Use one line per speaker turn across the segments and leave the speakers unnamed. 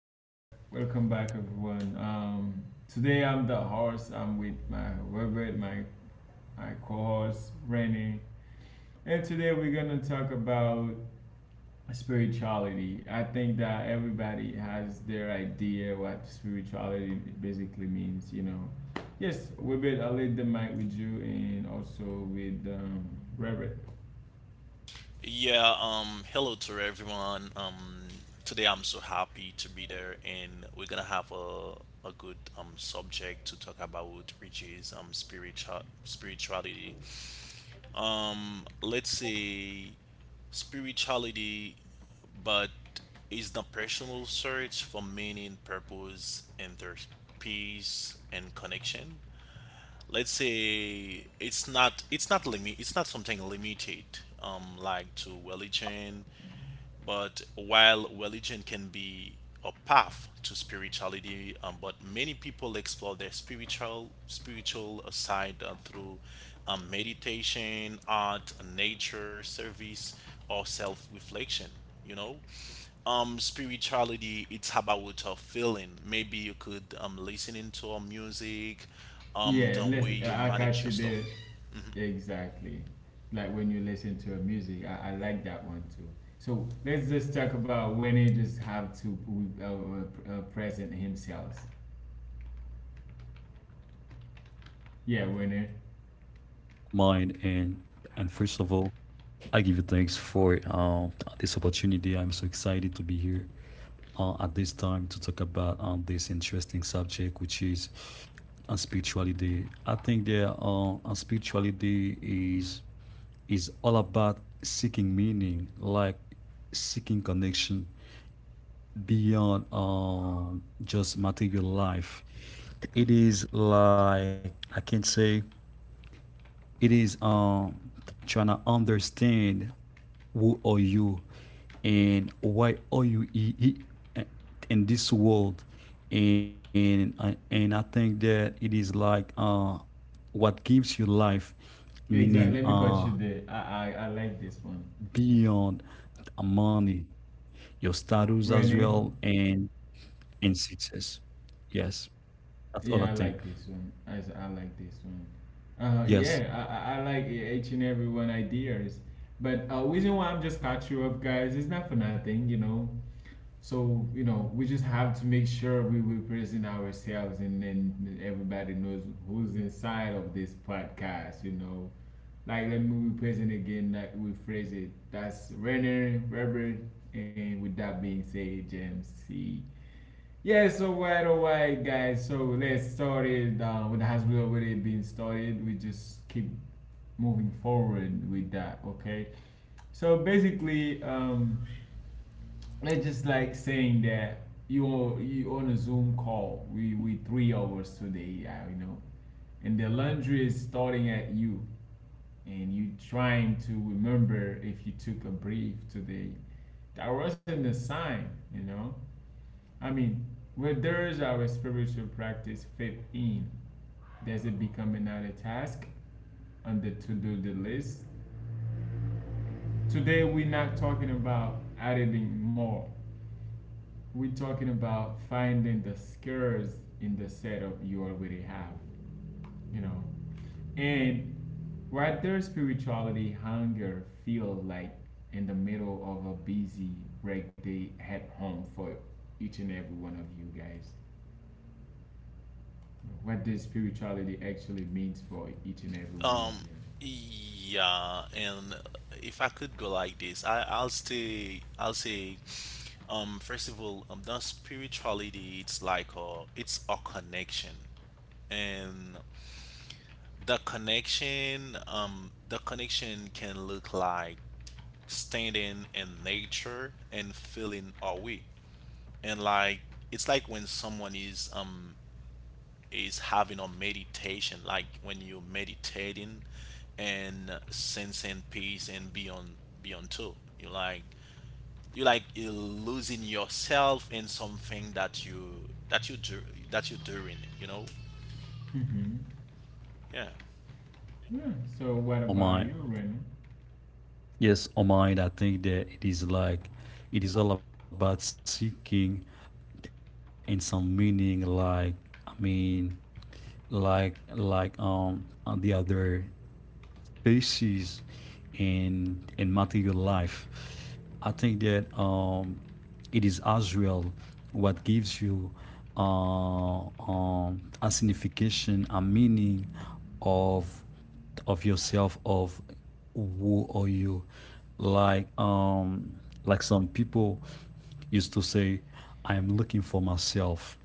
back, welcome back, everyone. Today I'm the host. I'm with my Robert, my co-host Rennie, and today we're gonna talk about spirituality. I think that everybody has their idea what spirituality basically means. You know, yes, Robert, I'll leave the mic with you and also with Robert.
Yeah, Hello to everyone. Today I'm so happy to be there, and we're gonna have a good subject to talk about, which is spirituality. Let's say spirituality, but is the personal search for meaning, purpose, and their peace and connection. Let's say it's not something limited like to religion, but while religion can be a path to spirituality, but many people explore their spiritual side through meditation, art, nature, service, or self-reflection. You know, Spirituality, it's about a feeling. Maybe you could listening to a music,
Yeah,
the
let's.
way you
I
manage
catch
your
you
stuff.
there. Exactly. Like when you listen to a music, I like that one too. So let's just talk about Winner. Just have to uh, present himself. Yeah, Winner.
Mine and First of all, I give you thanks for this opportunity. I'm so excited to be here at this time to talk about this interesting subject, which is spirituality. I think that spirituality is all about seeking meaning, like seeking connection beyond just material life. It is like, I can say, it is trying to understand who are you and why are you in this world. And I think that it is like, what gives you life meaning,
Exactly. Let me cut you there. I
beyond
like this one.
money, your status as well, and
Renee.
success. Yes, that's all I think.
Yeah, I like this one. I like
yes
this one. Yeah, I like each and every one ideas. But reason why I'm just caught you up, guys, is not for nothing, you know. So, you know, we just have to make sure we represent ourselves and then everybody knows who's inside of this podcast, you know. Like, let me represent again, like, we phrase it. That's Renner, Robert, and with that being said, James C. Yeah, so right away, guys. So let's start it. What has already been started, we just keep moving forward with that, okay? So basically, it's just like saying that you on a Zoom call. We 3 hours today, I. And the laundry is starting at you, and you trying to remember if you took a brief today. That wasn't a sign, you know. I mean, where does our spiritual practice fit in? Does it become another task on the to do the list? Today we're not talking about adding more. We're talking about finding the skills in the setup you already have, you know. And what their spirituality hunger feel like in the middle of a busy break day at home for each and every one of you guys. What does spirituality actually means for each and every one of
Um, yeah, and if I could go like this, I'll say, first of all, the spirituality, it's a connection, and the connection can look like standing in nature and feeling away, and it's like when someone is having a meditation, like when you meditating and sensing peace and beyond too. You losing yourself in something that you do that you're doing. You know?
you? Hmm.
Yeah.
Yeah. So what about you, Rena?
on my yes, on mine, I think that it is like it is all about seeking in some meaning, like, I mean, like like um the other species in material life. I think that it is as well what gives you a signification, a meaning of of yourself, of who are you. Like, like some people used to say, I'm looking for myself,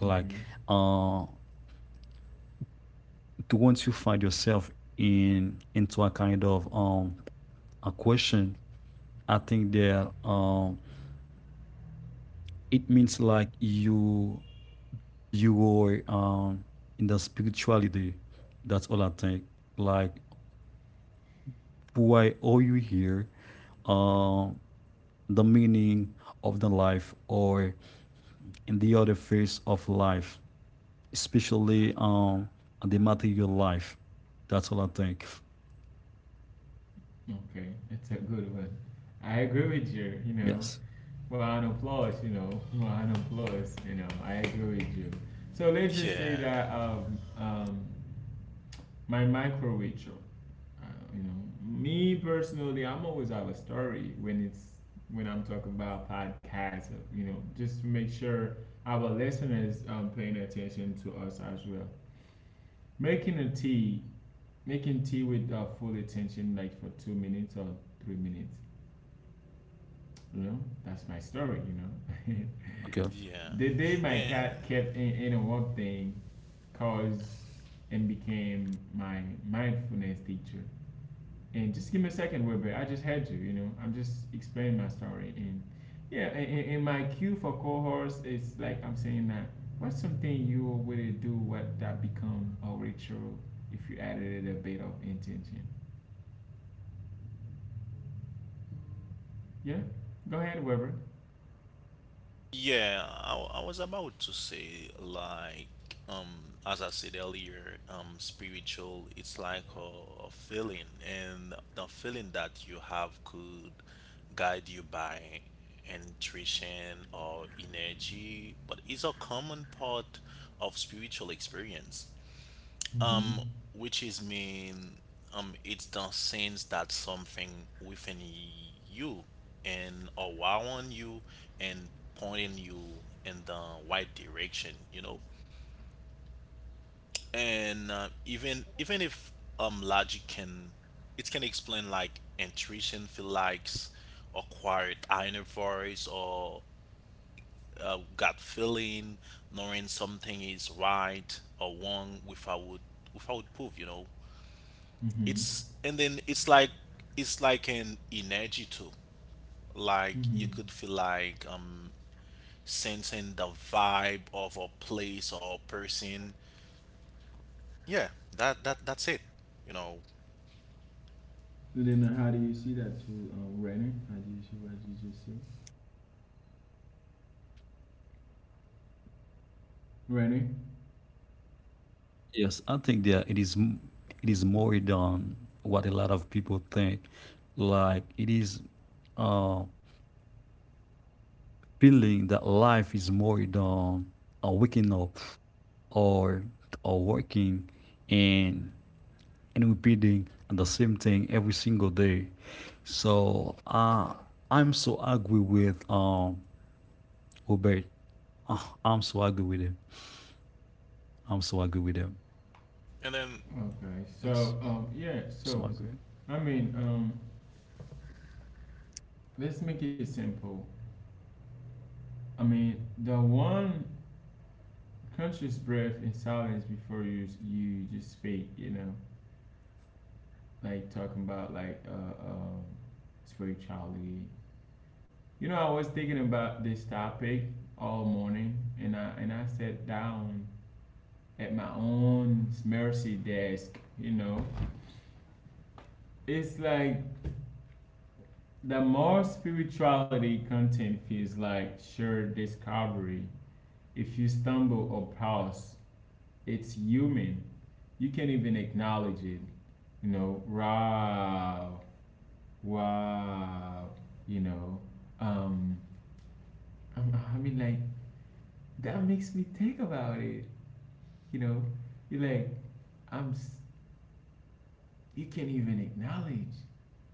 like, uh to once you find yourself in into a kind of a question, I think that it means like you were in the spirituality. That's all I think. Like, why are you here? um the meaning of the life, or in the other phase of life, especially the material life. That's all I think.
Okay, that's a good one. I agree with you. You know,
Yes.
round of applause, you know, round of applause, you know, I agree with you. So let's just say
Yeah.
that my micro ritual, uh, you know, me personally, I'm always have a story when it's when I'm talking about podcasts, you know, just to make sure our listeners paying attention to us as well. Making a tea, making tea with full attention, like for 2 minutes or 3 minutes, you know, that's my story, you know.
Okay.
Yeah.
The day my cat
And
kept in a work thing caused and became my mindfulness teacher. And just give me a second, Wilbur. I just heard you, you know. I'm just explaining my story. And yeah, and my cue for cohorts is like I'm saying that what's something you would do what that become a ritual if you added it a bit of intention? Yeah, go ahead, Wilbur.
I was about to say like as I said earlier, spiritual it's like a feeling, and the feeling that you have could guide you by intuition or energy, but it's a common part of spiritual experience.
Mm-hmm.
Um, which is mean, it's the sense that something within you and around you and pointing you in the right direction, you know. And even if um logic can, it can explain like intuition, feel likes, or quiet inner voice, or gut feeling, knowing something is right or wrong without proof, you know.
Mm-hmm.
It's and then it's like an energy too, like
Mm-hmm.
you could feel like sensing the vibe of a place or person. Yeah, that's it, you know.
And then how do you see that too, Rainer? How do you see what you just said? Ready?
Yes, I think that it is more than what a lot of people think. Like, it is uh feeling that life is more than waking up, or or working, and and repeating the same thing every single day. So I'm so agree with Robert. Uh, I'm so agree with him. I'm so agree with him.
And then
Okay. So,
Yes,
yeah. So,
so agree.
I mean, let's make it simple. I mean, the one conscious breath in silence before you just speak. You know, like talking about like spirituality. You know, I was thinking about this topic all morning, and I sat down at my own mercy desk. You know, it's like the more spirituality content feels like sheer discovery. If you stumble or pause, it's human. You can not even acknowledge it. You know, wow, wow. You know, um, i like that makes me think about it. You know, you're like, I'm. s- you can not even acknowledge.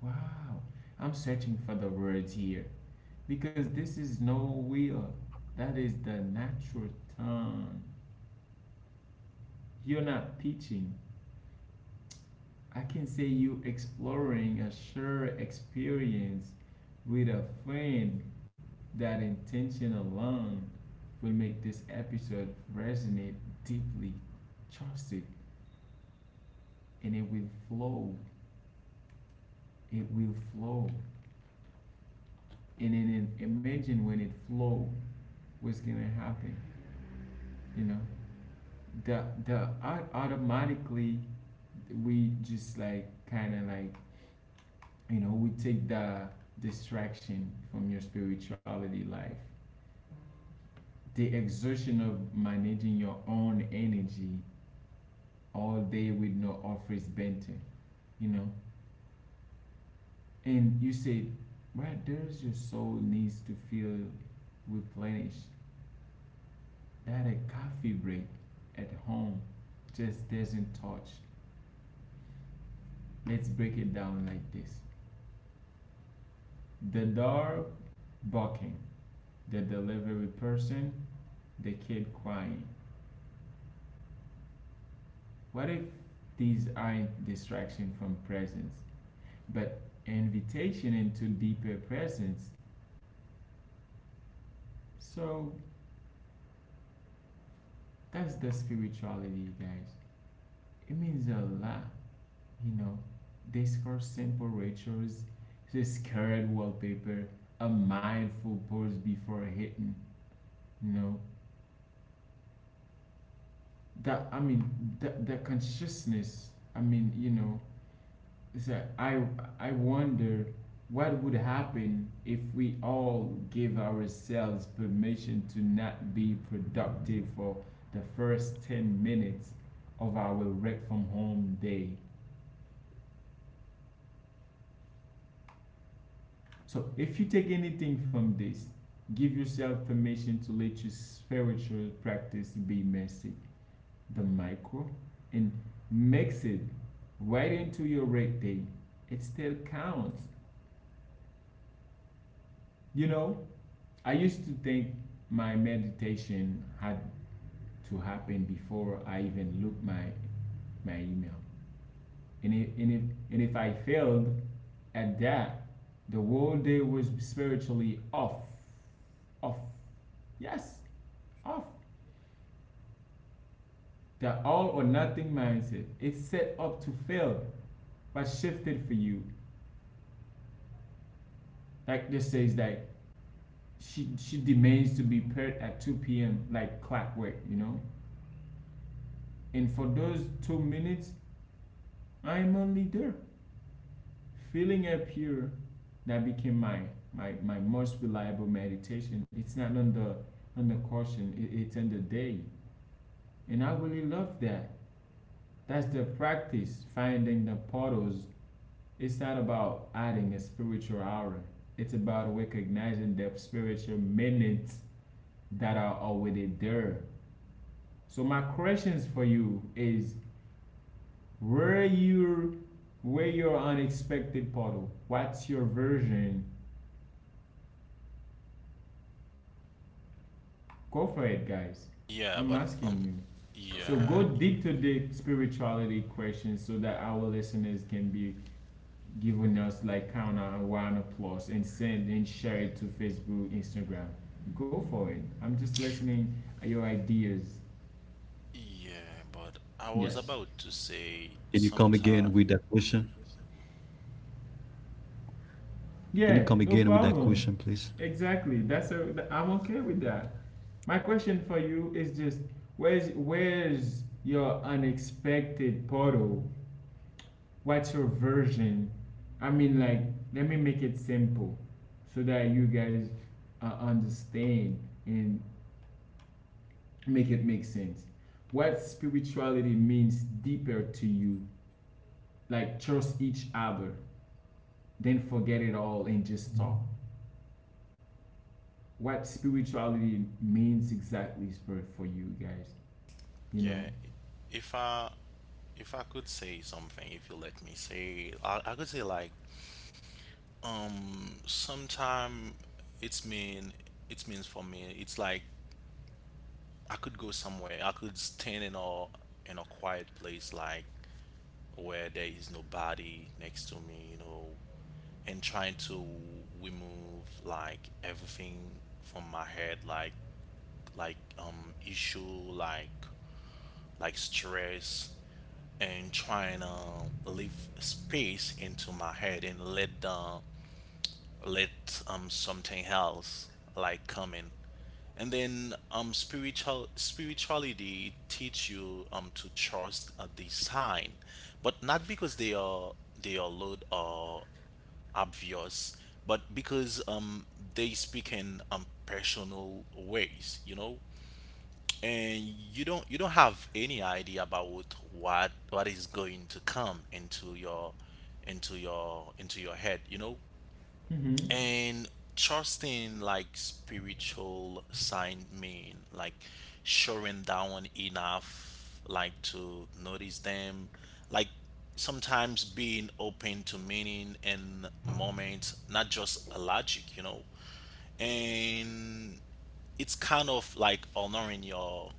Wow, I'm searching for the words here. Because this is no will. That is the natural tongue. You're not teaching. I can say you exploring a shared experience with a friend. That intention alone will make this episode resonate deeply. Trust it, and it will flow. It will flow. And then imagine when it flows, what's gonna happen? You know, the automatically we just like kind of like, you know, we take the distraction from your spirituality life, the exertion of managing your own energy all day with no office benter, you know. And you said right there's your soul needs to feel replenished, that a coffee break at home just doesn't touch. Let's break it down like this: the dog barking, the delivery person, the kid crying? What if these aren't distraction from presence, but invitation into deeper presence? So that's the spirituality, guys. It means a lot, you know. Discourse simple rituals, this current wallpaper, a mindful pause before hitting, you know. That I mean, the consciousness. I mean, you know, so I wonder what would happen if we all give ourselves permission to not be productive for the first 10 minutes of our work from home day. So if you take anything from this, give yourself permission to let your spiritual practice be messy, the micro, and mix it right into your work day. It still counts. You know, I used to think my meditation had to happen before I even looked my email. And if, and if, and if I failed at that, the whole day was spiritually off. Off. Yes, off. The all or nothing mindset. It's set up to fail, but shifted for you. Like this says that she demands to be paired at 2 p.m. like clockwork, you know? And for those 2 minutes, I am only there, feeling up here. That became my most reliable meditation. It's not on the on the caution, it's in the day. And I really love that. That's the practice, finding the portals. It's not about adding a spiritual hour. It's about recognizing the spiritual minutes that are already there. So my questions for you is where you where your unexpected portal? What's your version? Go for it, guys.
yeah
I'm
but
asking you. So go
yeah
deep to the spirituality questions so that our listeners can be giving us like count on round applause and send and share it to Facebook, Instagram. Go for it. I'm just listening at your ideas.
yeah but I was
Yes.
about to say
Can you come again
sometime.
with that question? Can
Yeah,
you come
no
again with that
problem.
question, please?
Exactly. I'm okay with that. My question for you is just where's your unexpected portal? What's your version? I mean, like, let me make it simple so that you guys understand and make it make sense what spirituality means deeper to you, like trust each other then forget it all and just talk what spirituality means exactly is for you guys, you know.
Yeah. If i if i could say something, if you let me say, I could say like, sometime it's mean it means for me it's like I could go somewhere. I could stand in a quiet place, like where there is nobody next to me, you know, and trying to remove like everything from my head, like issue, like like stress, and trying to leave space into my head and let the let something else like come in. And then spirituality teach you to trust the sign, but not because they are loud or obvious, but because they speak in personal ways, you know. And you don't have any idea about what is going to come into your into your into your head, you know.
Mm-hmm.
And trusting like spiritual sign mean like showing down enough like to notice them, like sometimes being open to meaning and moment, not just a logic, you know. And it's kind of like honoring your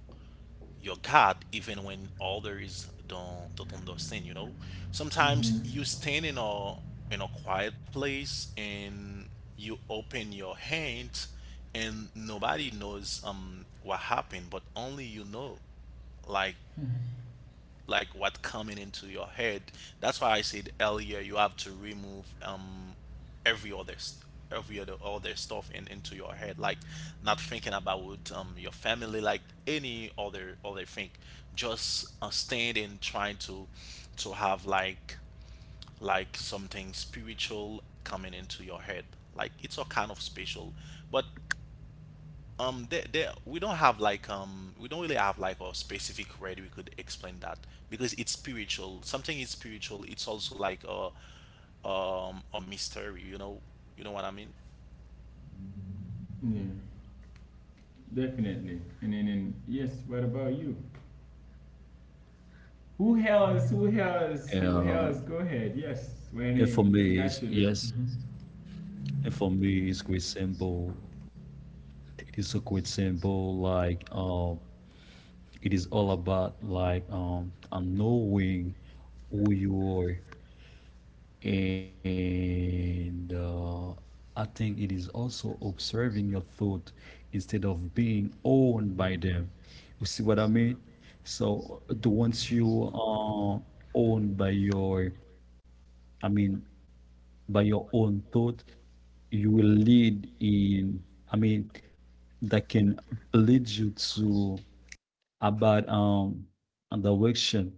God, even when others don't understand, you know? Sometimes you
Mm-hmm.
stand in a quiet place and you open your hand, and nobody knows what happened, but only you know like what coming into your head. That's why I said earlier, you have to remove every other st- every other stuff in into your head, like not thinking about your family, like any other thing. Just stand and trying to have like something spiritual coming into your head. Like it's a kind of special, but we don't have like we don't really have like a specific way we could explain that, because it's spiritual. Something is spiritual. It's also like a mystery. You know what I mean?
Yeah, definitely. And then and yes, what about you? Who else? Who else? Who
Uh,
else? Go ahead. Yes,
and for
when I
me,
got
it's,
you. There.
yes, and for me, it's quite simple. It is so quite simple. Like, it is all about like, knowing who you are, and I think it is also observing your thought instead of being owned by them. You see what I mean? So, to once you are owned by your, I mean, by your own thought, you will lead in, I mean, that can lead you to about a direction.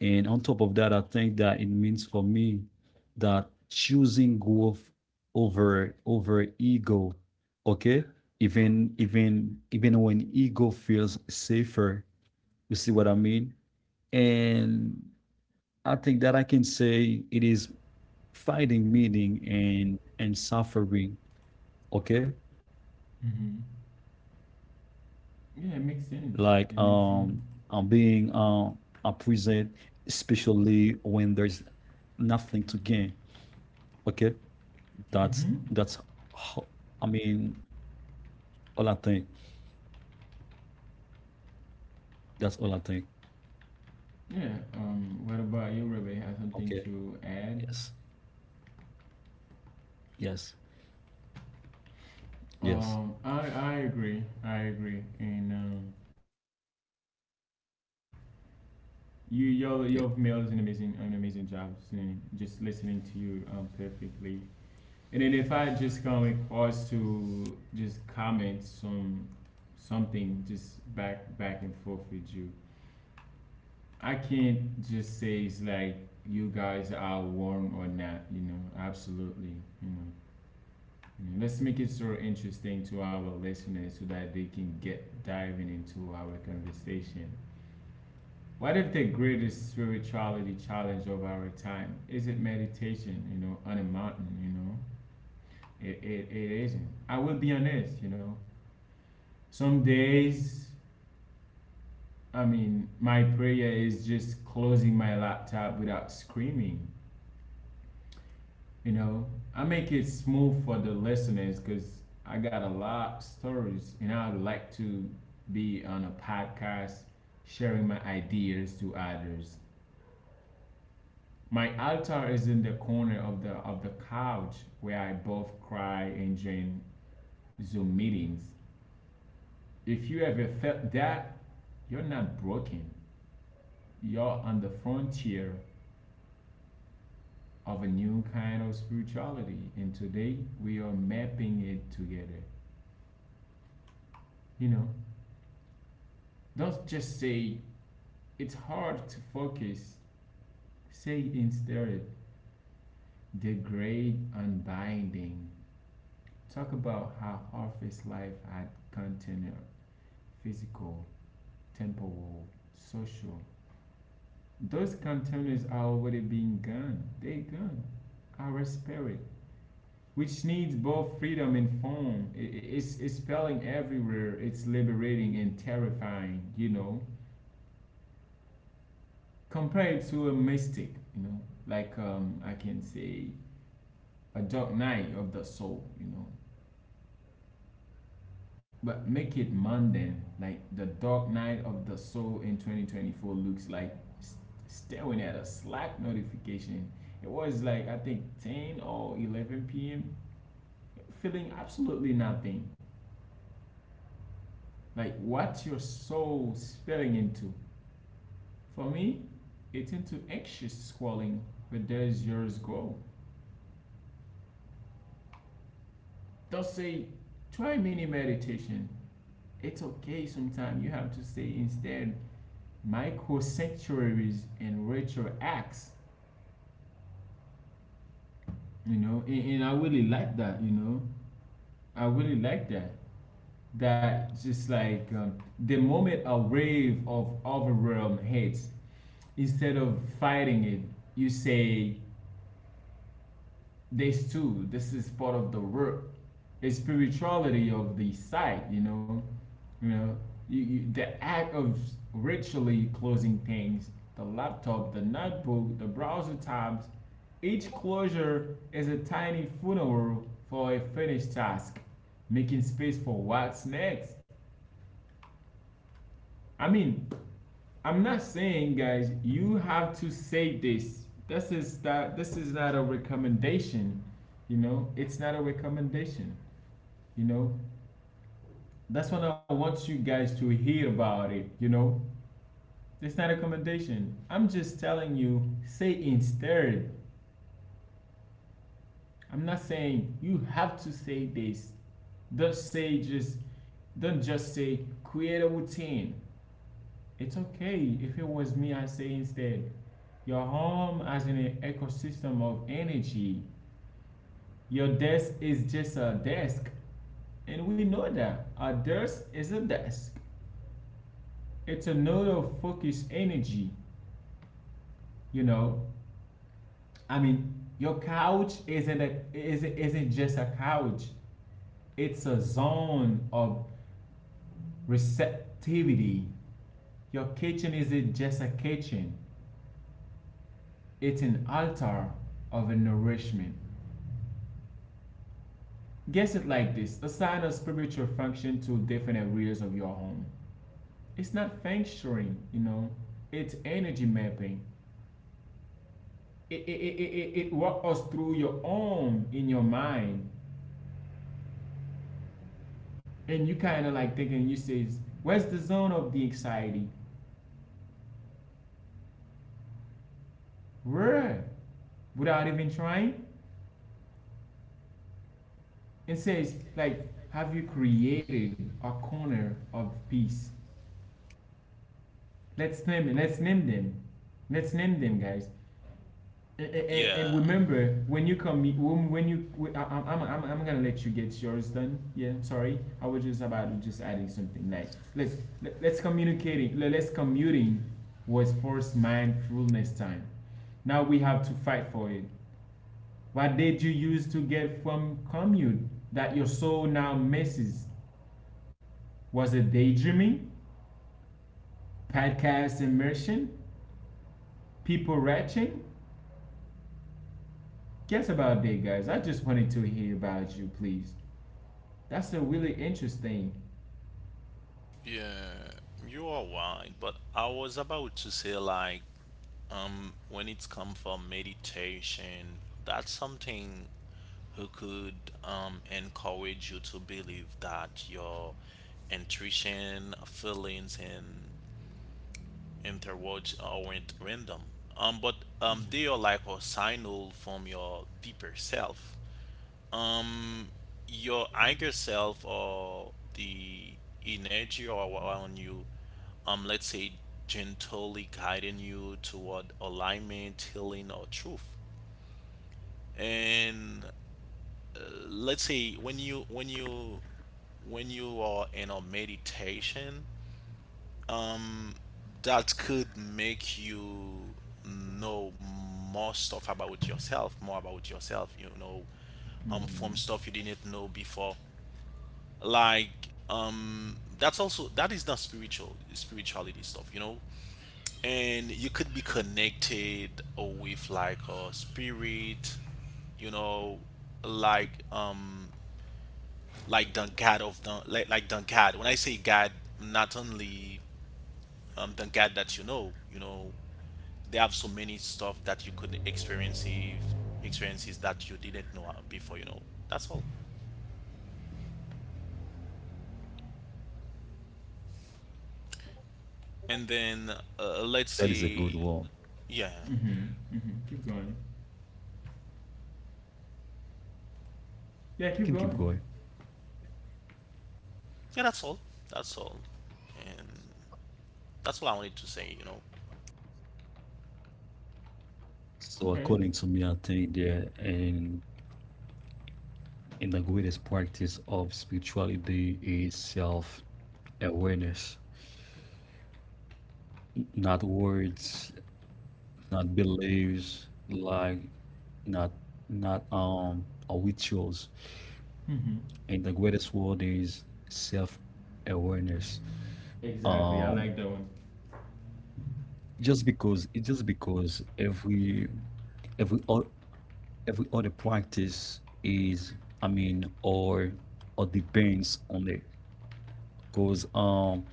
And on top of that, I think that it means for me that choosing growth over ego, okay? Even when ego feels safer, you see what I mean? And I think that I can say it is finding meaning in suffering. Okay.
Hmm.
Like, I'm being
Yeah, it makes sense. It
present,
makes sense.
especially when there is nothing to gain. Okay, that's that's ho- I
Hmm.
mean, all I think. That's all I think.
Yeah. Um, what about you,
Okay.
Rebecca? Have something to
Yes.
add?
Yes. Yes.
Um, I agree. I agree. And you your male's an
Yeah,
amazing job, and just listening to you perfectly. And then if I just come across to just comment something just back and forth with you, I can't just say it's like you guys are warm or not. You know, absolutely. You know, you know, let's make it so interesting to our listeners so that they can get diving into our conversation. What if the greatest spirituality challenge of our time is it meditation? You know, on a mountain. You know it, it isn't. I will be honest, you know. Some days, I mean, my prayer is just closing my laptop without screaming, you know. I make it smooth for the listeners because I got a lot of stories and I would like to be on a podcast sharing my ideas to others. My altar is in the corner of the couch where I both cry and join Zoom meetings. If you ever felt that, you're not broken. You're on the frontier of a new kind of spirituality. And today we are mapping it together. You know, don't just say it's hard to focus, say instead the great unbinding. Talk about how harvest life had container, physical, temporal, social. Those containers are already being gone. They gone. Our spirit which needs both freedom and form. It's spelling everywhere. It's liberating and terrifying, you know. Compared to a mystic, you know, like I can say a dark night of the soul, you know. But make it mundane, like the dark night of the soul in 2024 looks like st- staring at a Slack notification. It was like I think 10 or 11 p.m. feeling absolutely nothing, like what your soul spilling into. For me, it's into anxious squalling, but there's yours go. They'll say, try mini meditation. It's okay, sometimes you have to say instead micro sanctuaries and ritual acts. You know, and I really like that, you know. I really like that. That just like the moment a wave of overwhelm hits, instead of fighting it, you say, this too, this is part of the work, the spirituality of the site, you know the act of ritually closing things, the laptop, the notebook, the browser tabs, each closure is a tiny funeral for a finished task, making space for what's next. I mean, I'm not saying, guys, you have to say this. This is that. This is not a recommendation. You know, it's not a recommendation. You know, that's what I want you guys to hear about it. You know, it's not a recommendation. I'm just telling you, say instead. I'm not saying you have to say this. Don't say just. Don't just say create a routine. It's okay. If it was me, I say instead, your home as an ecosystem of energy. Your desk is just a desk. And we know that. A desk is a desk. It's a node of focused energy, you know? I mean, your couch isn't, isn't just a couch, it's a zone of receptivity. Your kitchen isn't just a kitchen, it's an altar of nourishment. Guess it like this, assign a spiritual function to different areas of your home. It's not feng shuiing, you know, it's energy mapping. It, it, it, it, it walks us through your own in your mind. And you kind of like thinking, you says, where's the zone of the anxiety? Where? Without even trying? And says, like, have you created a corner of peace? Let's name them. Let's name them, guys. And
Yeah,
remember, when you come, I, I'm gonna let you get yours done. Yeah, sorry. I was just about to just adding something. Like, let's communicating. Let's commuting was forced mindfulness time. Now we have to fight for it. What did you use to get from commute that your soul now misses? Was it daydreaming, podcast immersion, people retching? Guess about that, guys. I just wanted to hear about you, please. That's a really interesting.
yeah, you are right. But I was about to say like, when it's come from meditation, that's something who could encourage you to believe that your intuition, feelings, and interwards or at random. But they are like a signal from your deeper self. Um, your higher self or the energy or around you, let's say, gently guiding you toward alignment, healing, or truth. And uh, let's say when you when you when you are in a meditation, that could make you know more stuff about yourself, more about yourself, you know,
Mm-hmm.
from stuff you didn't know before. Like, that's also that is not spirituality stuff, you know. And you could be connected with like a spirit, you know, like like the God of the like the God. When I say God, not only the God that you know, they have so many stuff that you could experiences that you didn't know before, you know. That's all. And then let's
that is a good
say
one.
yeah.
Mm-hmm. Mm-hmm. Keep going. Yeah,
I
keep
can keep
going.
going.
Yeah, that's all. that's all and that's all I wanted to say, you know.
So
Okay.
according to me, I think, yeah, and in the greatest practice of spirituality is self awareness not words, not beliefs, like not, not or rituals.
Mm-hmm.
And the greatest word is self-awareness.
Exactly.
um
I like that one.
just because, it's just because every every o- every other practice is, I mean, or depends on it. Because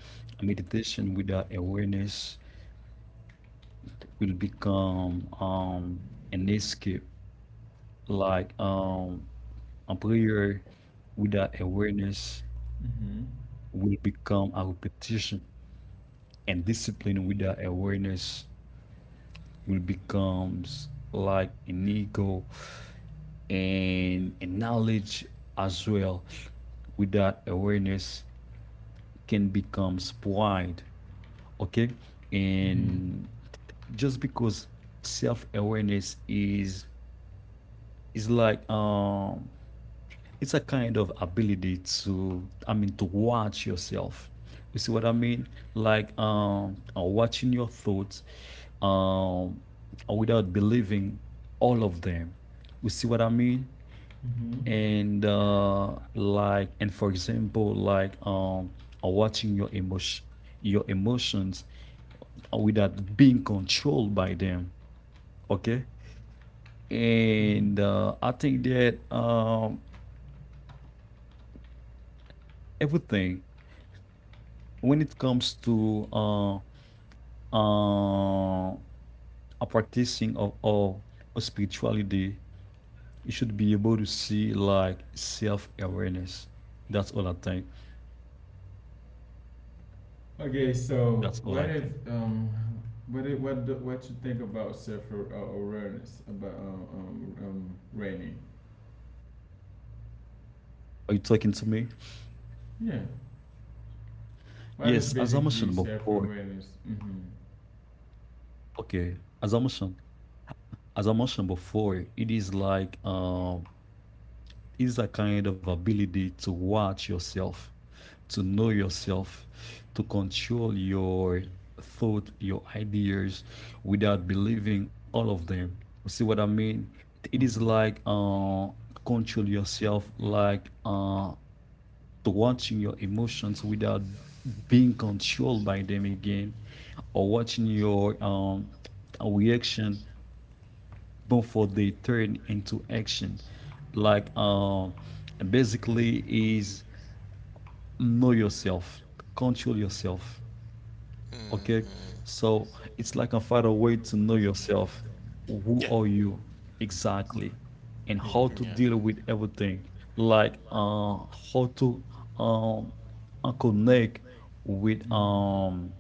meditation without awareness will become an escape. Like, a prayer without awareness
Mm-hmm.
will become a repetition, and discipline without awareness will becomes like an ego. And knowledge as well without awareness can becomes pride. Okay.
Mm-hmm.
And just because self-awareness is like, it's a kind of ability to, I mean, to watch yourself. You see what I mean? Like, watching your thoughts, um without believing all of them. You see what I mean?
Mm-hmm.
And like, and for example, like, watching your emotion, your emotions, without being controlled by them. Okay.
Mm-hmm.
And I think that everything, when it comes to uh, a practicing of of spirituality, you should be able to see like self awareness. That's all I think.
Okay. So,
That's all
what
I
if
think.
what if, what you think about self awareness about raining?
Are you talking to me?
Yeah. What is
Yes, as I
basically
mentioned
self
before.
awareness? Mm-hmm.
Okay, as I mentioned, as I mentioned before, it is like, is a kind of ability to watch yourself, to know yourself, to control your thought, your ideas, without believing all of them. See what I mean? It is
Mm-hmm.
like, control yourself, like, to watching your emotions without being controlled by them again, or watching your reaction before they turn into action. Like, basically is know yourself, control yourself. Okay,
Hmm.
so it's like a find a way to know yourself. Who
Yeah.
are you exactly, and
Exactly.
how to
Yeah.
deal with everything. Like, how to um connect with um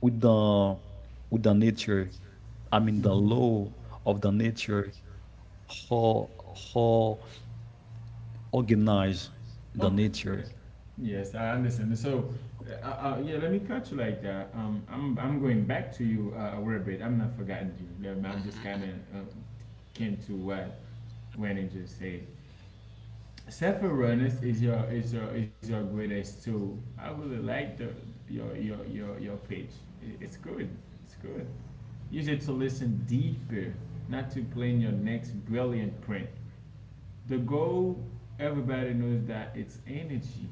with the with the nature. I mean the
Mm-hmm.
law of the nature, how organize the
Okay. Yeah.
nature.
Yes, I understand. So, uh, uh, yeah, let me cut you like that. I'm going back to you a little bit. I'm not forgotten you.
Hmm.
I'm just kind
Hmm.
of uh, came to what Wendy just said. Self-awareness is your greatest tool. I really like the your page. It's good. It's good. Use it to listen deeper, not to plan your next brilliant print. The goal, everybody knows that it's energy.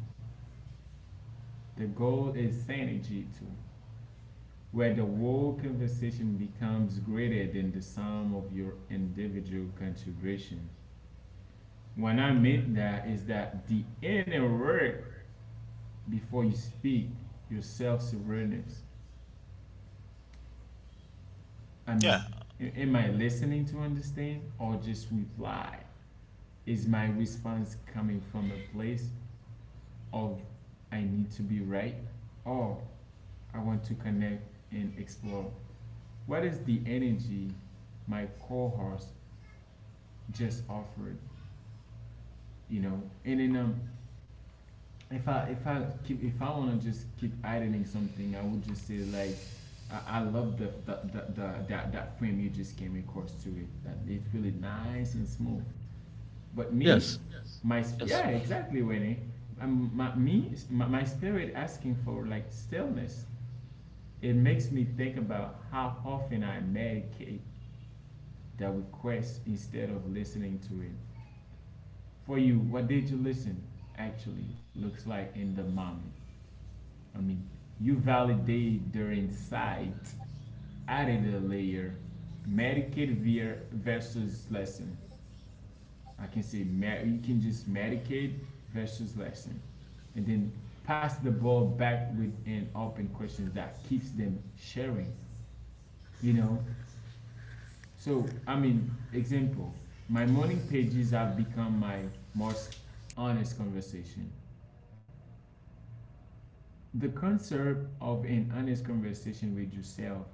The goal is Sani Jitu, where the whole conversation becomes greater than the sum of your individual contribution. What I mean that is that the inner work before you speak, your self-awareness. I
Yeah,
mean, am I listening to understand or just reply? Is my response coming from a place of I need to be right or I want to connect and explore? What is the energy my co-host just offered? You know, and then if I keep, if I want to just keep editing something, I would just say like, I love the that that frame you just came across to it. That it's really nice and smooth. But me,
Yes,
yeah,
yes,
exactly, Winnie. My spirit asking for like stillness. It makes me think about how often I medicate that request instead of listening to it. For you, what did you listen actually looks like in the moment? I mean, you validate their insight, added a layer, Medicaid versus lesson. I can say you can just Medicaid versus lesson, and then pass the ball back with an open question that keeps them sharing. You know, so I mean, example, my morning pages have become my most honest conversation. The concept of an honest conversation with yourself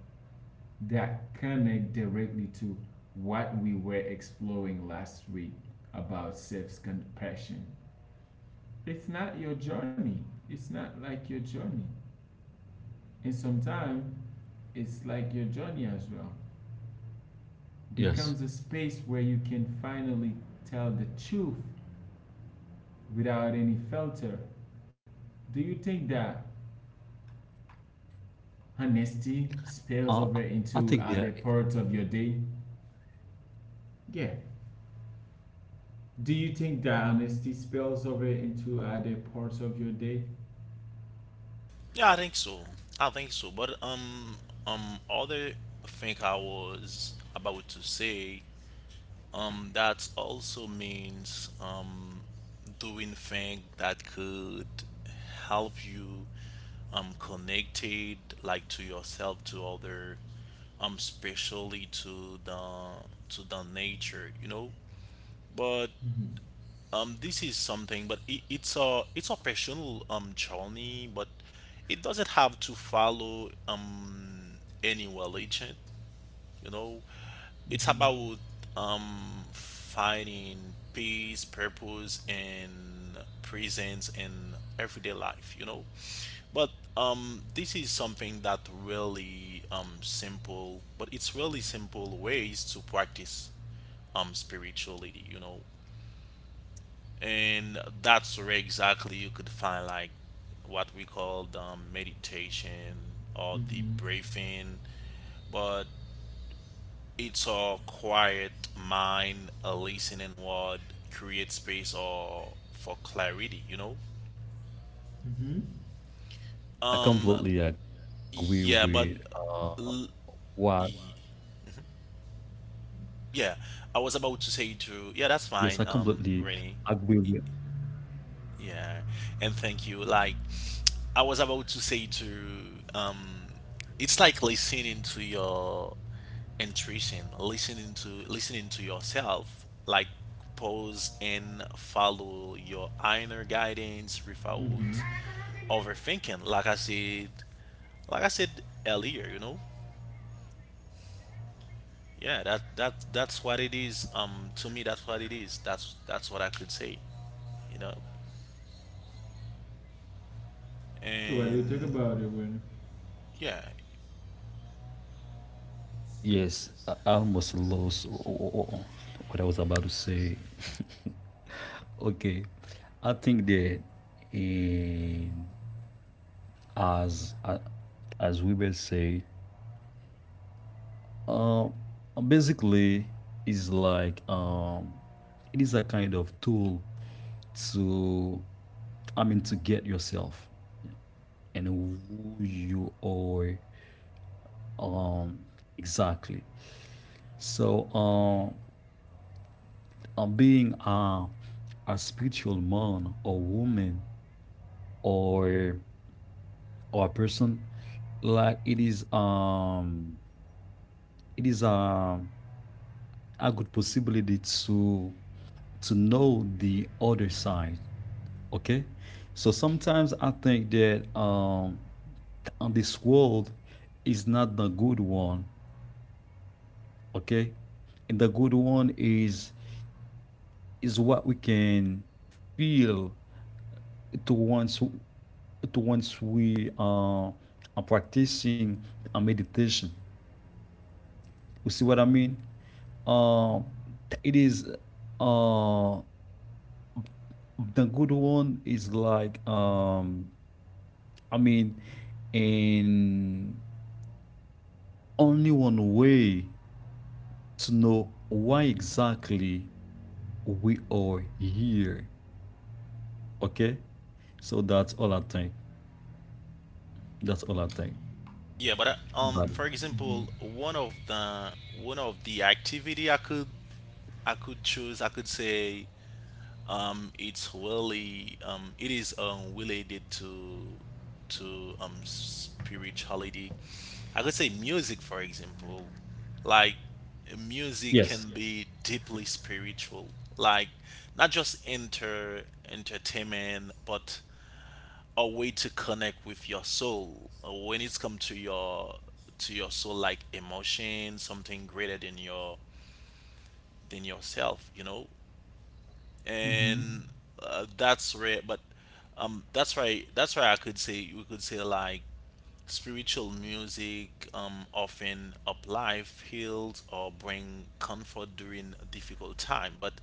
that connect directly to what we were exploring last week about self-compassion. It's not your journey. It's not like your journey. And sometimes it's like your journey as well. Becomes
yes.
a space where you can finally tell the truth without any filter. Do you think that honesty spills
I
over
think that
into other parts of your day? Yeah, do you think that honesty spills over into other parts of your day?
yeah, I think so. I think so. But other thing I was about to say, that also means doing things that could help you connected like to yourself, to other, especially to the nature, you know. But
Mhm,
this is something, but it's a personal journey, but it doesn't have to follow any religion, you know. It's
mhm,
about finding peace, purpose, and presence in everyday life, you know. But this is something that really simple, but it's really simple ways to practice spirituality, you know. And that's where exactly you could find like what we call meditation or deep
mhm,
breathing, but it's all quiet mind, a listening word, create space or for clarity, you know.
mhm,
I completely
Um
agree with
yeah but
what.
l- y- yeah I was about to say
Yes, I
to, yeah, that's
completely
fine,
agree with.
Rennie. Yeah, and thank you. Like, I was about to say to, it's like listening to your intuition, listening to yourself. Like, pause and follow your inner guidance without
mhm.
overthinking. Like I said earlier, you know. Yeah, that's what it is. To me, that's what it is. That's what I could say. You know,
So what do you think
and
about it, Gwen?
yeah.
Yes, I almost lost what I was about to say. Okay, I think that in, as uh, as we will say. Uh, Basically, is like, it is a kind of tool to, I mean, to get yourself and who you are. Um, exactly. So, being a spiritual man or woman or or a person, like it is, it is a good possibility to know the other side. Okay. So sometimes I think that on this world is not the good one. Okay. And the good one is what we can feel to once we are practicing a meditation. You see what I mean? Uh, it is uh the good one is like, I mean, in only one way to know why exactly we are here. Okay, so that's all I think. That's all I think
Yeah, but
about
Okay.
it.
For example,
Mhm,
one of the activity I could choose, I could say it's really it is related to spirituality. I could say music, for example, like music
Yes,
can be deeply spiritual, like not just entertainment, but a way to connect with your soul. When it's come to your soul, like emotion, something greater than your than yourself, you know.
mhm.
And that's where, but that's why I could say, we could say like spiritual music often uplift, heals, or bring comfort during a difficult time. But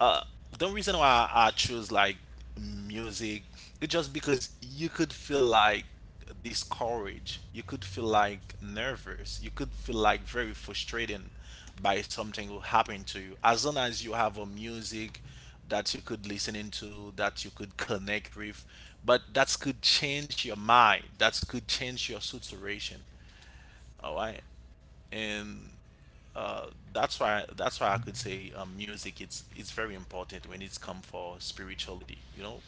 uh, the reason why I choose like music is just because you could feel like discouraged, you could feel like nervous, you could feel like very frustrated by something will happen to you. As long as you have a music that you could listen into, that you could connect with, but that could change your mind, that could change your situation. All right, and uh, that's why I could say music, it's very important when it's come for spirituality. You know,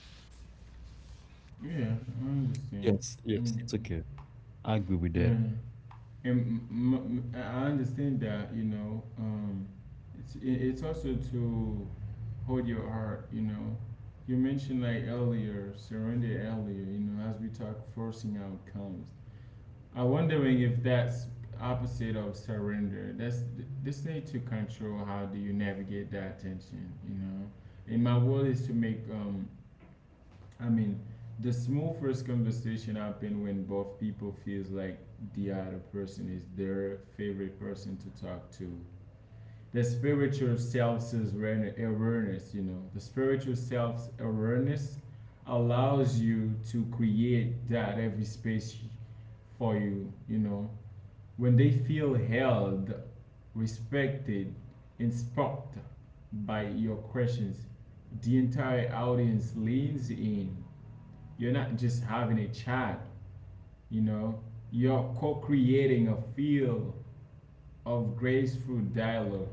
Yeah, I understand.
yes, yes.
Mm.
It's okay. I agree with
Yeah.
that.
And I understand that, you know, it's, it's also to hold your heart, you know. You mentioned like earlier, surrender earlier, you know, as we talk, forcing outcomes. I'm wondering if that's opposite of surrender. That's this need to control. How do you navigate that tension, you know? And my goal is to make I mean the smooth first conversation happen when both people feels like the other person is their favorite person to talk to. The spiritual self awareness, you know, the spiritual self awareness allows you to create that every space for you, you know, when they feel held, respected, and sparked by your questions, the entire audience leans in. You're not just having a chat, you know, you're co creating a field of graceful dialogue.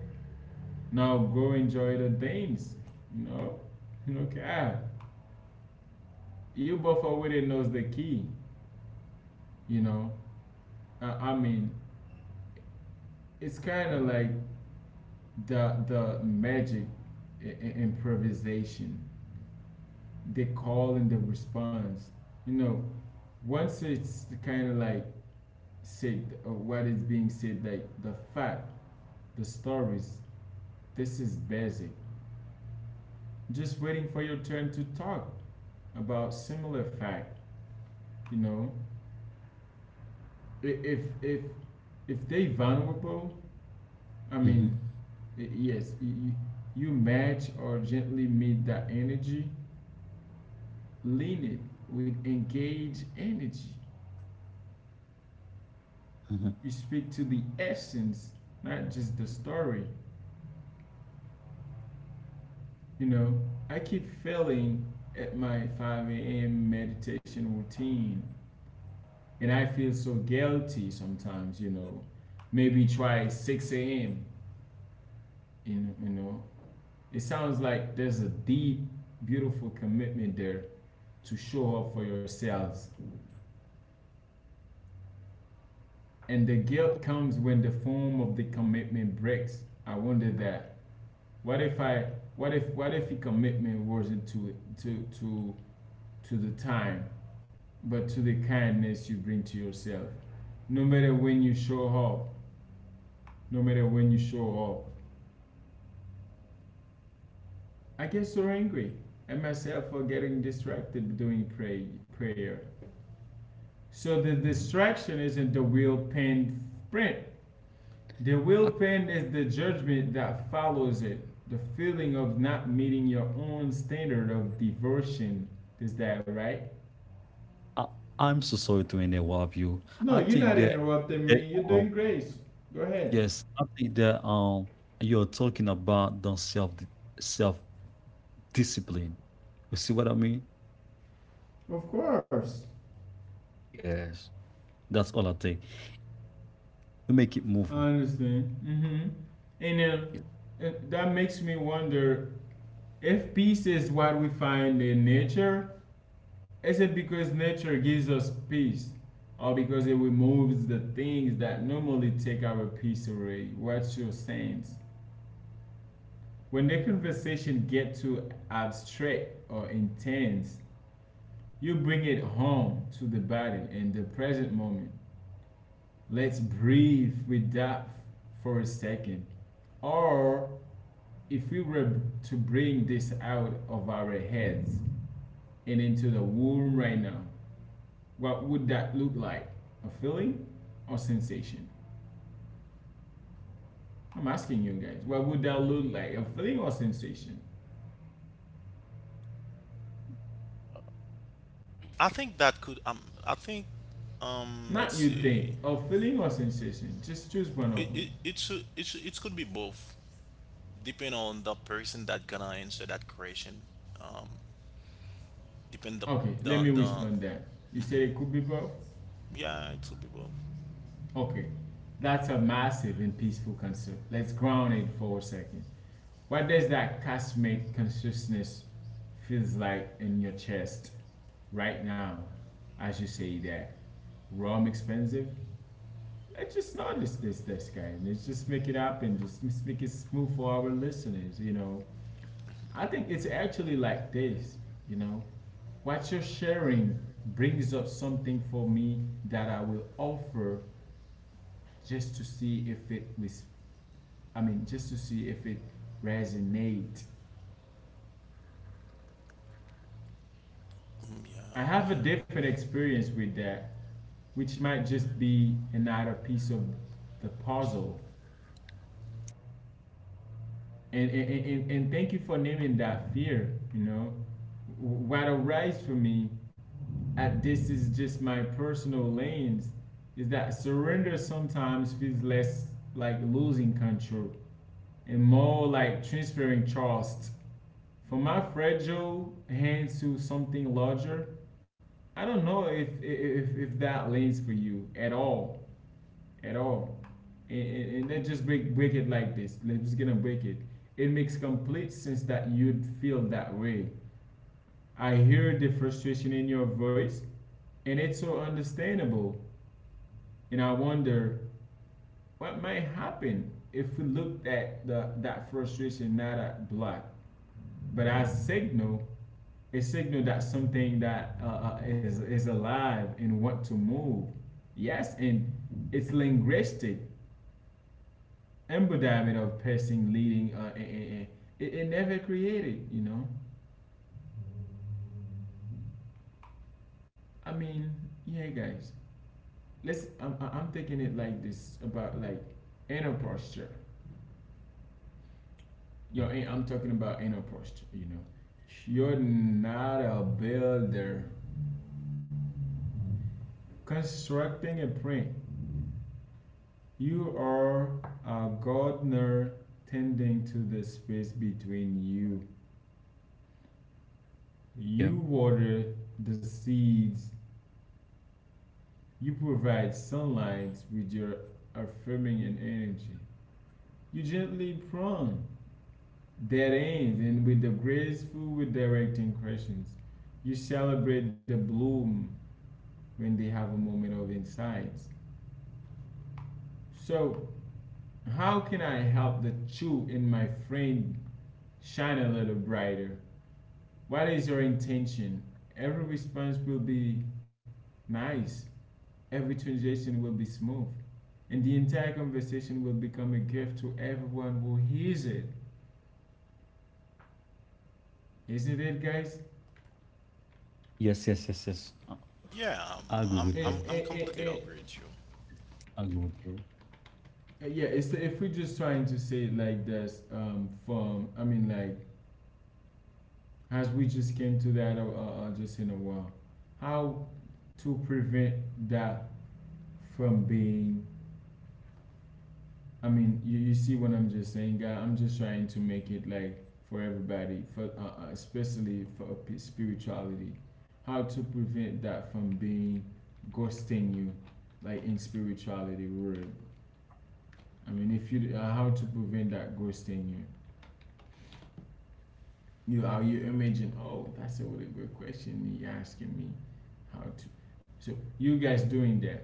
Now go enjoy the dance, you know, no cap. You both already knows the key, you know. I mean, it's kind of like the magic improvisation, the call and the response. You know, once it's kind of like said, or what is being said, like the fact, the stories, this is basic. Just waiting for your turn to talk about similar fact. You know, if if if they vulnerable, I
Hmm.
mean, yes, you match or gently meet that energy. Lean it with engage energy.
Hmm.
You speak to the essence, not just the story. You know, I keep failing at my 5 a.m. meditation routine, and I feel so guilty sometimes, you know. Maybe try 6 a.m., you know. It sounds like there's a deep, beautiful commitment there to show up for yourselves. And the guilt comes when the form of the commitment breaks. I wonder that. What if I what if the commitment wasn't to it to the time, but to the kindness you bring to yourself? No matter when you show up, no matter when you show up, I get so angry at myself for getting distracted doing prayer. So the
Hmm.
distraction isn't the will pain print. The will
I,
pain is the judgment that follows it. The feeling of not meeting your own standard of devotion. Is that right?
I, I'm so sorry to interrupt you.
No,
I
you're
think
not
that,
interrupting
that
me. You're doing great. Go ahead.
yes, I think that you're talking about the self- discipline. You see what I mean?
Of course.
Yes, that's all I think. You make it
I
move on.
understand. Mm-hmm. And uh,
Yeah.
and that makes me wonder if peace is what we find in nature, is it because nature gives us peace? Or because it removes the things that normally take our peace away? What's your sense? When the conversation get too abstract or intense, you bring it home to the body and the present moment. Let's breathe with that for a second. Or if we were to bring this out of our heads and into the womb right now, what would that look like? A feeling or sensation? I'm asking you guys, what would that look like? A feeling or sensation?
I think
Not
let's
you think,
see,
a feeling or sensation. Just choose one of them.
it could be both depending on the person that gonna answer that question. Um depend
Okay, let me
the
respond that. You said it could be both?
Yeah, it could be both.
Okay, that's a massive and peaceful concept. Let's ground it for a second. What does that cosmic consciousness feels like in your chest right now as you say that? Rum expensive? Let's just notice this, this guy. And let's just make it happen. Just, make it smooth for our listeners, you know. I think it's actually like this, you know. What you're sharing brings up something for me that I will offer just to see if it was, I mean, just to see if it resonates.
Mm,
I
yeah.
have a different experience with that, which might just be another piece of the puzzle. And thank you for naming that fear, you know. What arises for me, at this is just my personal lens, is that surrender sometimes feels less like losing control and more like transferring trust from my fragile hands to something larger. I don't know if that lends for you at all. At all. And let's just break it like this. Let's just gonna break it. It makes complete sense that you'd feel that way. I hear the frustration in your voice, and it's so understandable. And I wonder what might happen if we looked at that frustration not at block, but as signal, a signal that something that is alive and want to move. Yes, and it's linguistic. Embodiment of person leading it never created. i mean yeah, guys, I'm taking it like this about like inner posture.
Mm.
I'm talking about inner posture, you know. You're not a builder constructing a print. You are a gardener tending to the space between you. You
Yeah.
water the seeds. You provide sunlight with your affirming and energy. You gently prompt that ends and with the graceful with directing questions. You celebrate the bloom when they have a moment of insights. So, how can I help the true in my friend shine a little brighter? What is your intention? Every response will be nice. Every transition will be smooth, and the entire conversation will become a gift to everyone who hears it. Isn't it, guys?
Yes, yes, yes, yes.
Yeah, um,
I agree
I'm
with
I'm
It,
you.
I'm
it, it,
completely
it,
agree with you.
I agree with you.
yeah, if we're just trying to say it like this, from, I mean, like, as we just came to that just in a while, how to prevent that from being I mean, you see what I'm just saying, God. I'm just trying to make it like for everybody, for especially for spirituality, how to prevent that from being ghosting you, like in spirituality word. I mean, if you how to prevent that ghosting you. You are you imagine? Oh, that's a really good question you're asking me. How to? So you guys doing that?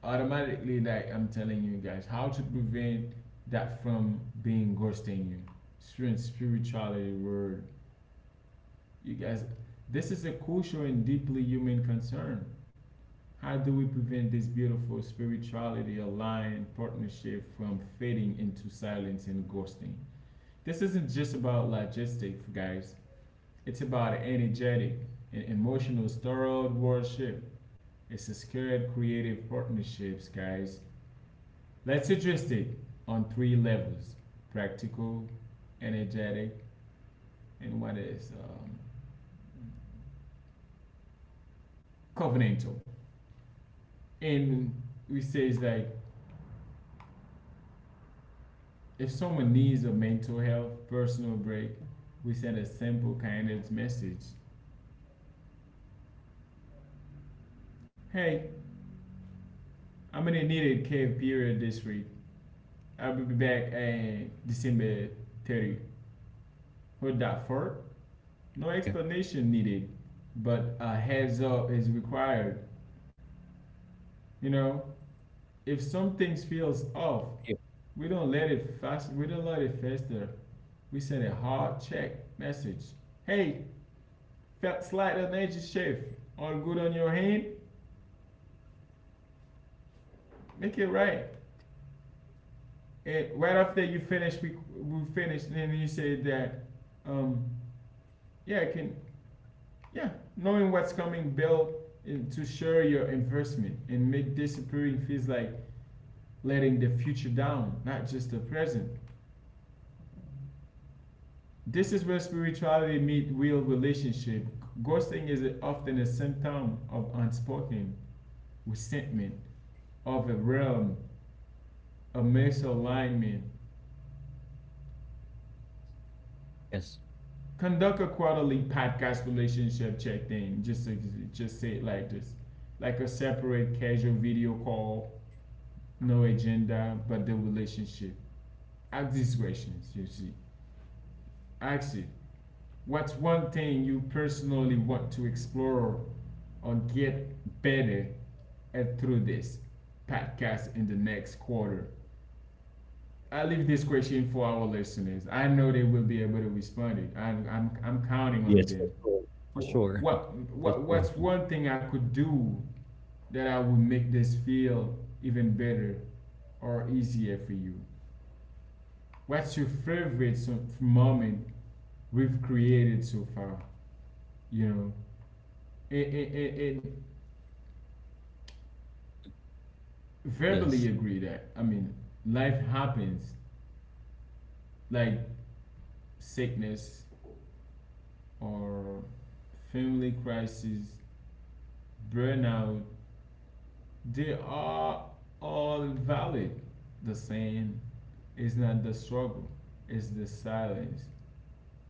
Automatically like I'm telling you guys how to prevent that from being ghosting you. Spirituality word. You guys, this is a crucial and deeply human concern. How do we prevent this beautiful spirituality aligned partnership from fading into silence and ghosting? This isn't just about logistics, guys. It's about energetic and emotional thorough worship. It's a scared creative partnerships, guys. Let's address it on three levels: practical, energetic, and what is covenantal. And we say it's like if someone needs a mental health personal break, we send a simple kind of message. Hey, I'm gonna need a cave period this week. I'll be back on December 30. Hold that fort.
Okay.
No explanation needed, but a heads up is required. You know, if something feels
Yeah.
off, We don't let it fast. We don't let it fester. We send a hard check message. Hey, felt slight energy shift. All good on your hand? Make it right. And right after you finish, we finish, and then you say that, um, yeah, I can, yeah, knowing what's coming, build in, to share your investment and make disappearing feels like letting the future down, not just the present. This is where spirituality meets real relationship. Ghosting is often a symptom of unspoken resentment of a realm, a misalignment.
Yes.
Conduct a quarterly podcast relationship check in. Just say it like this, like a separate casual video call, no agenda, but the relationship. Ask these questions. You see, ask it. What's one thing you personally want to explore or get better through this podcast in the next quarter? I leave this question for our listeners. I know they will be able to respond it. I'm counting on
Yes, for
them.
sure. For
What,
sure. For sure.
what's one thing I could do that I would make this feel even better or easier for you? What's your favorite moment we've created so far? You know, and and verbally
Yes.
agree that. I mean, life happens, like sickness, or family crisis, burnout, they are all valid. The same is not the struggle, it's the silence.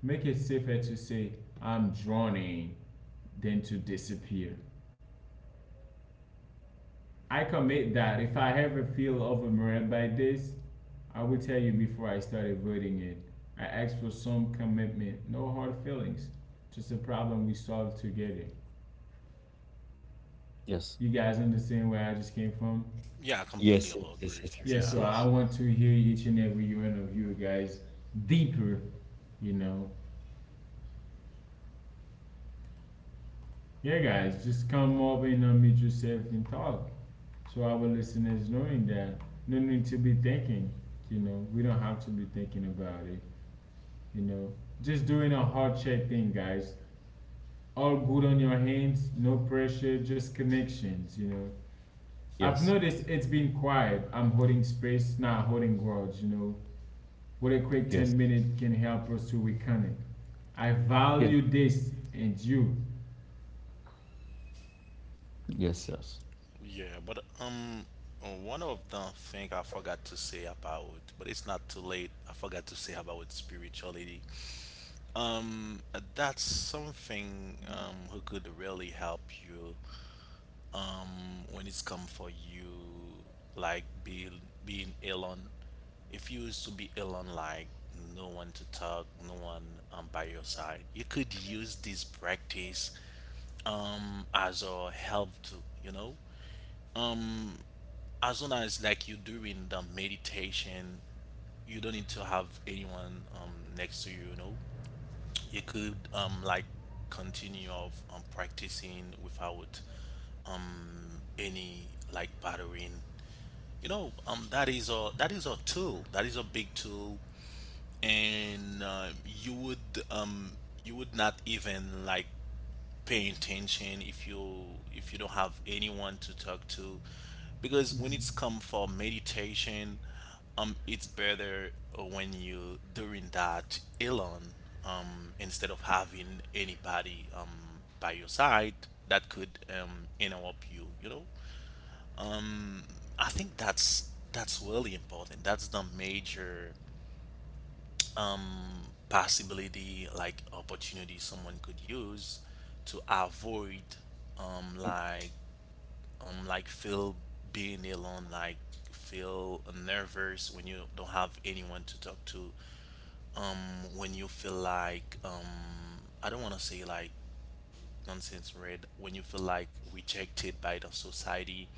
Make it safer to say, I'm drowning, than to disappear. I commit that if I ever feel overwhelmed by this, I will tell you before I start avoiding it. I ask for some commitment, no hard feelings, just a problem we solve together.
Yes.
You guys understand where I just came from?
Yeah, I completely
Yes.
all agree
Yes. Yes.
with you.
Yes.
Yes,
Yeah.
Yes.
so I
Yes.
want to hear each and every one of you guys deeper, you know. Yeah, guys, just come up and unmute yourself and talk. So our listeners knowing that no need to be thinking, you know, we don't have to be thinking about it, you know. Just doing a heart check thing, guys. All good on your hands, no pressure, just connections, you know. I've
Yes.
noticed it's been quiet. I'm holding space, not holding grudge, you know. With a quick
Yes.
10 minutes can help us to reconnect. I value this and you.
Yes. Yes. Yes.
Yeah, but One of the thing I forgot to say about, but it's not too late. I forgot to say about spirituality. Um that's something who could really help you when it's come for you, like being alone. If you used to be alone, like no one to talk, no one by your side, you could use this practice as a help to, you know, as long as like you're doing the meditation, you don't need to have anyone next to you, you know. You could continue of practicing without any like bothering. You know, that is a tool. That is a big tool, and you would not even like pay attention if you don't have anyone to talk to, because when it's come for meditation, it's better when you doing that alone, instead of having anybody by your side that could interrupt you. You know. I think that's really important. That's the major possibility like opportunity someone could use to avoid um
Mm.
like feel being alone like feel nervous when you don't have anyone to talk to um when you feel like I don't want to say like nonsense red when you feel like rejected by the society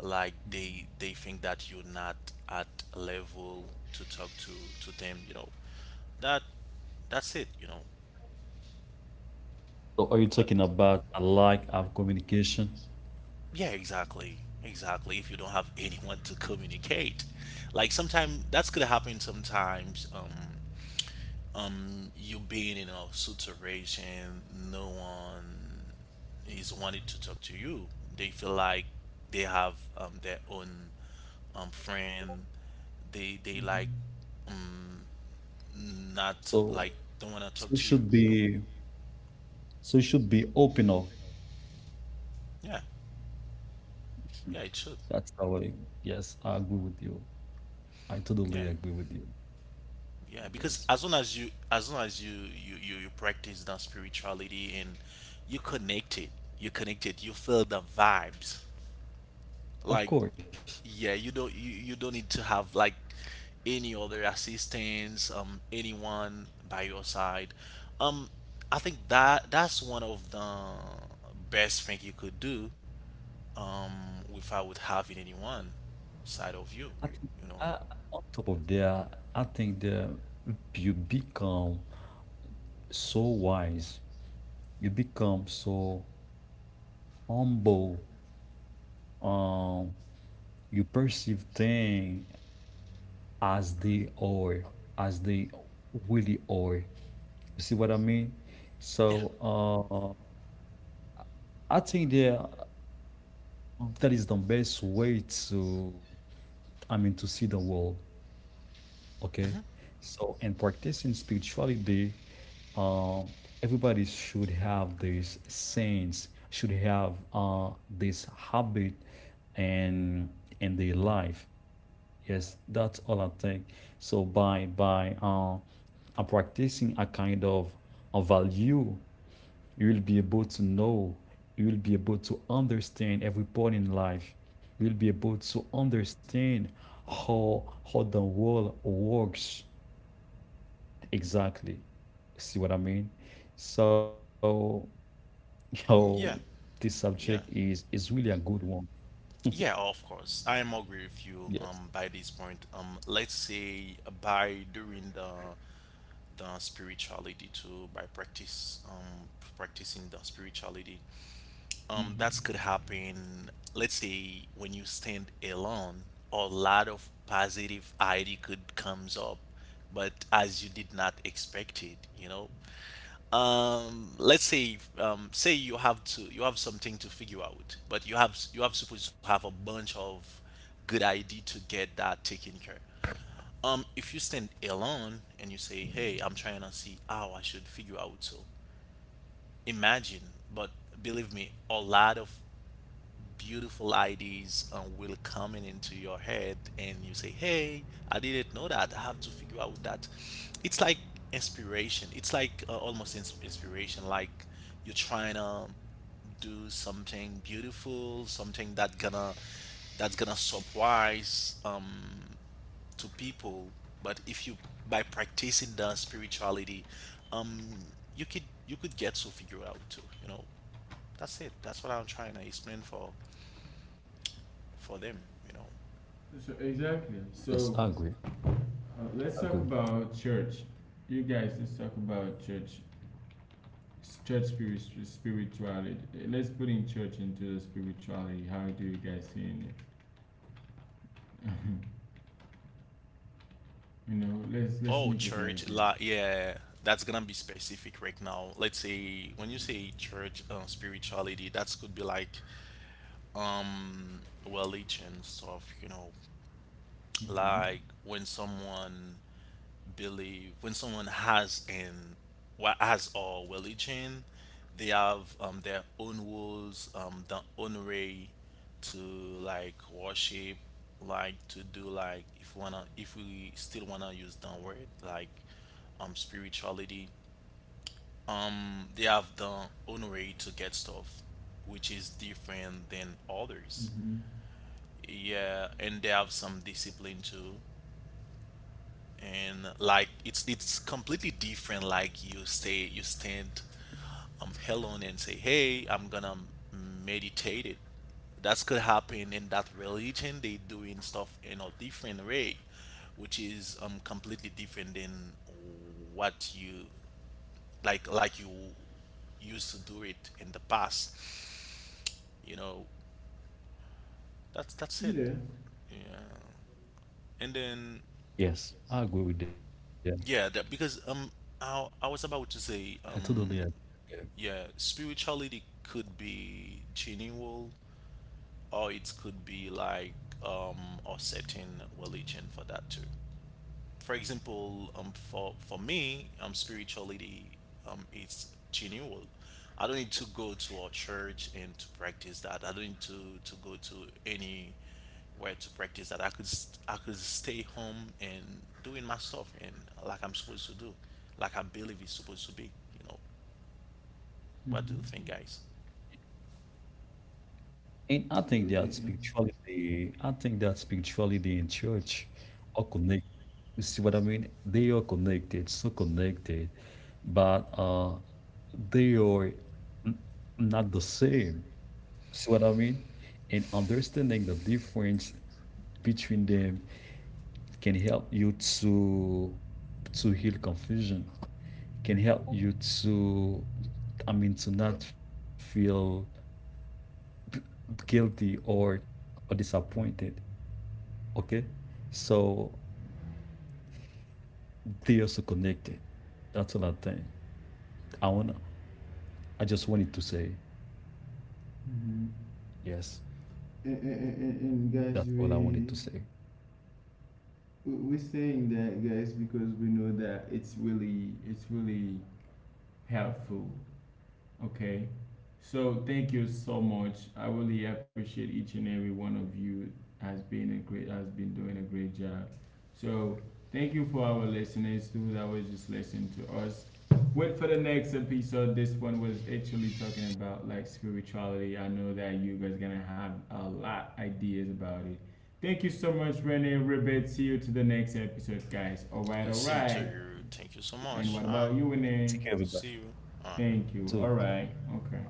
like they think that you're not at a level to talk to them. that that's it.
So, are you
But
talking about a lack of communication?
yeah, exactly, if you don't have anyone to communicate like sometimes that's gonna happen sometimes you being in a situation no one is wanting to talk to you. They feel like they have their own friend. They like, um not
So,
like, don't want to talk
so it
to you,
should
no.
be. So, it should be open up.
Yeah,
Mhm.
yeah, it should.
That's how I. Yes, I agree with you. I totally
Yeah,
agree with you.
yeah, because
Yes.
as long as you practice that spirituality and you connected, you connected, you feel the vibes
Of
like.
course.
Yeah, you don't need to have like any other assistance, anyone by your side, um I think that that's one of the best thing you could do, without having anyone side of you,
I think
you know.
uh, on top of that, I think that you become so wise, you become so humble. Um, you perceive things as they are, as they really are. You see what I mean?
Yeah.
So, I think that that is the best way to, I mean, to see the world. Okay.
Hmm.
So, in practicing spirituality, um, everybody should have this sense, should have this habit and in their life. Yes, that's all I think. So by practicing a kind of a value, you will be able to know, you will be able to understand every point in life. You will be able to understand how the world works. Exactly. See what I mean? So,
Yeah.
yo, this
Yeah.
subject is really a good one.
Yeah, of course. I am agree with you by
Yes.
this point. Let's say by during the spirituality too by practice practicing the spirituality, that could happen. Let's say when you stand alone a lot of positive idea could comes up, but as you did not expect it, you know. Let's say, say you have to, you have something to figure out, but you have supposed to have a bunch of good idea to get that taken care. If you stand alone and you say, hey, I'm trying to see how I should figure out, so imagine. But believe me, a lot of beautiful ideas will coming into your head and you say, hey, I didn't know that I have to figure out that. It's like inspiration. It's like almost inspiration, like you're trying to do something beautiful, something that gonna, that's gonna surprise to people. But if you by practicing the spirituality, um you could, you could get to figure out too, you know. That's what I'm trying to explain for them, you know.
So exactly. So
Yes, I agree.
let's talk about
I agree.
church. You guys, let's talk about church, church spirituality. Let's put in church into the spirituality. How do you guys see it? You know, let's
Oh,
make it like
church,
this.
la, yeah, that's gonna be specific right now. Let's say when you say church, spirituality, that's could be like, religion stuff, you know,
Mm-hmm.
like when someone believe, when someone has an, what, has a religion, they have, their own rules, their own way to like worship, like to do, like if wanna, if we still wanna use the word like spirituality, they have their own way to get stuff which is different than others.
Hmm.
Yeah, and they have some discipline too, and like it's completely different. Like you say you stand alone and say, hey, I'm gonna meditate it, that could happen. In that religion they doing stuff in a different way which is completely different than what you, like you used to do it in the past, you know. That's it.
Yeah.
Yeah, and then
Yes, I agree with them.
yeah that, because um I was
I
about to
totally agree
say
with them.
um. Yeah, spirituality could be genuine, or it could be like a certain religion for that too. For example, for me, spirituality is genuine. I don't need to go to a church and to practice that. I don't need to go to any where to practice that. I could I could stay home and doing my stuff and like I'm supposed to do, like I believe it's supposed to be, you know. What do you think,
Hmm.
guys?
And I
Eh,
think
eh, eh.
that spirituality, I think that spirituality and church are connected. You see what I mean? They are connected, so connected, but they are n- not the same. See what I mean? And understanding the difference between them can help you to heal confusion, can help you to, I mean, to not feel guilty or disappointed. Okay. So they also connected. That's all I think. i want I just wanted to say,
Hmm.
yes,
And and
that's
guys,
all I wanted to say.
We- we're saying that, guys, because we know that it's really helpful. Okay. So thank you so much. I really appreciate each and every one of you has been doing a great job. So thank you for our listeners too that was just listening to us. Wait for the next episode. This one was actually talking about like spirituality. I know that you guys gonna have a lot ideas about it. Thank you so much, Renee Ribbit. See you to the next episode, guys. All right, all
Same to
right.
you. Thank you so
And
much.
what
Hi.
about you, Renee?
Take care,
See
everybody,
you. All right.
Thank you. All
too.
right. Okay.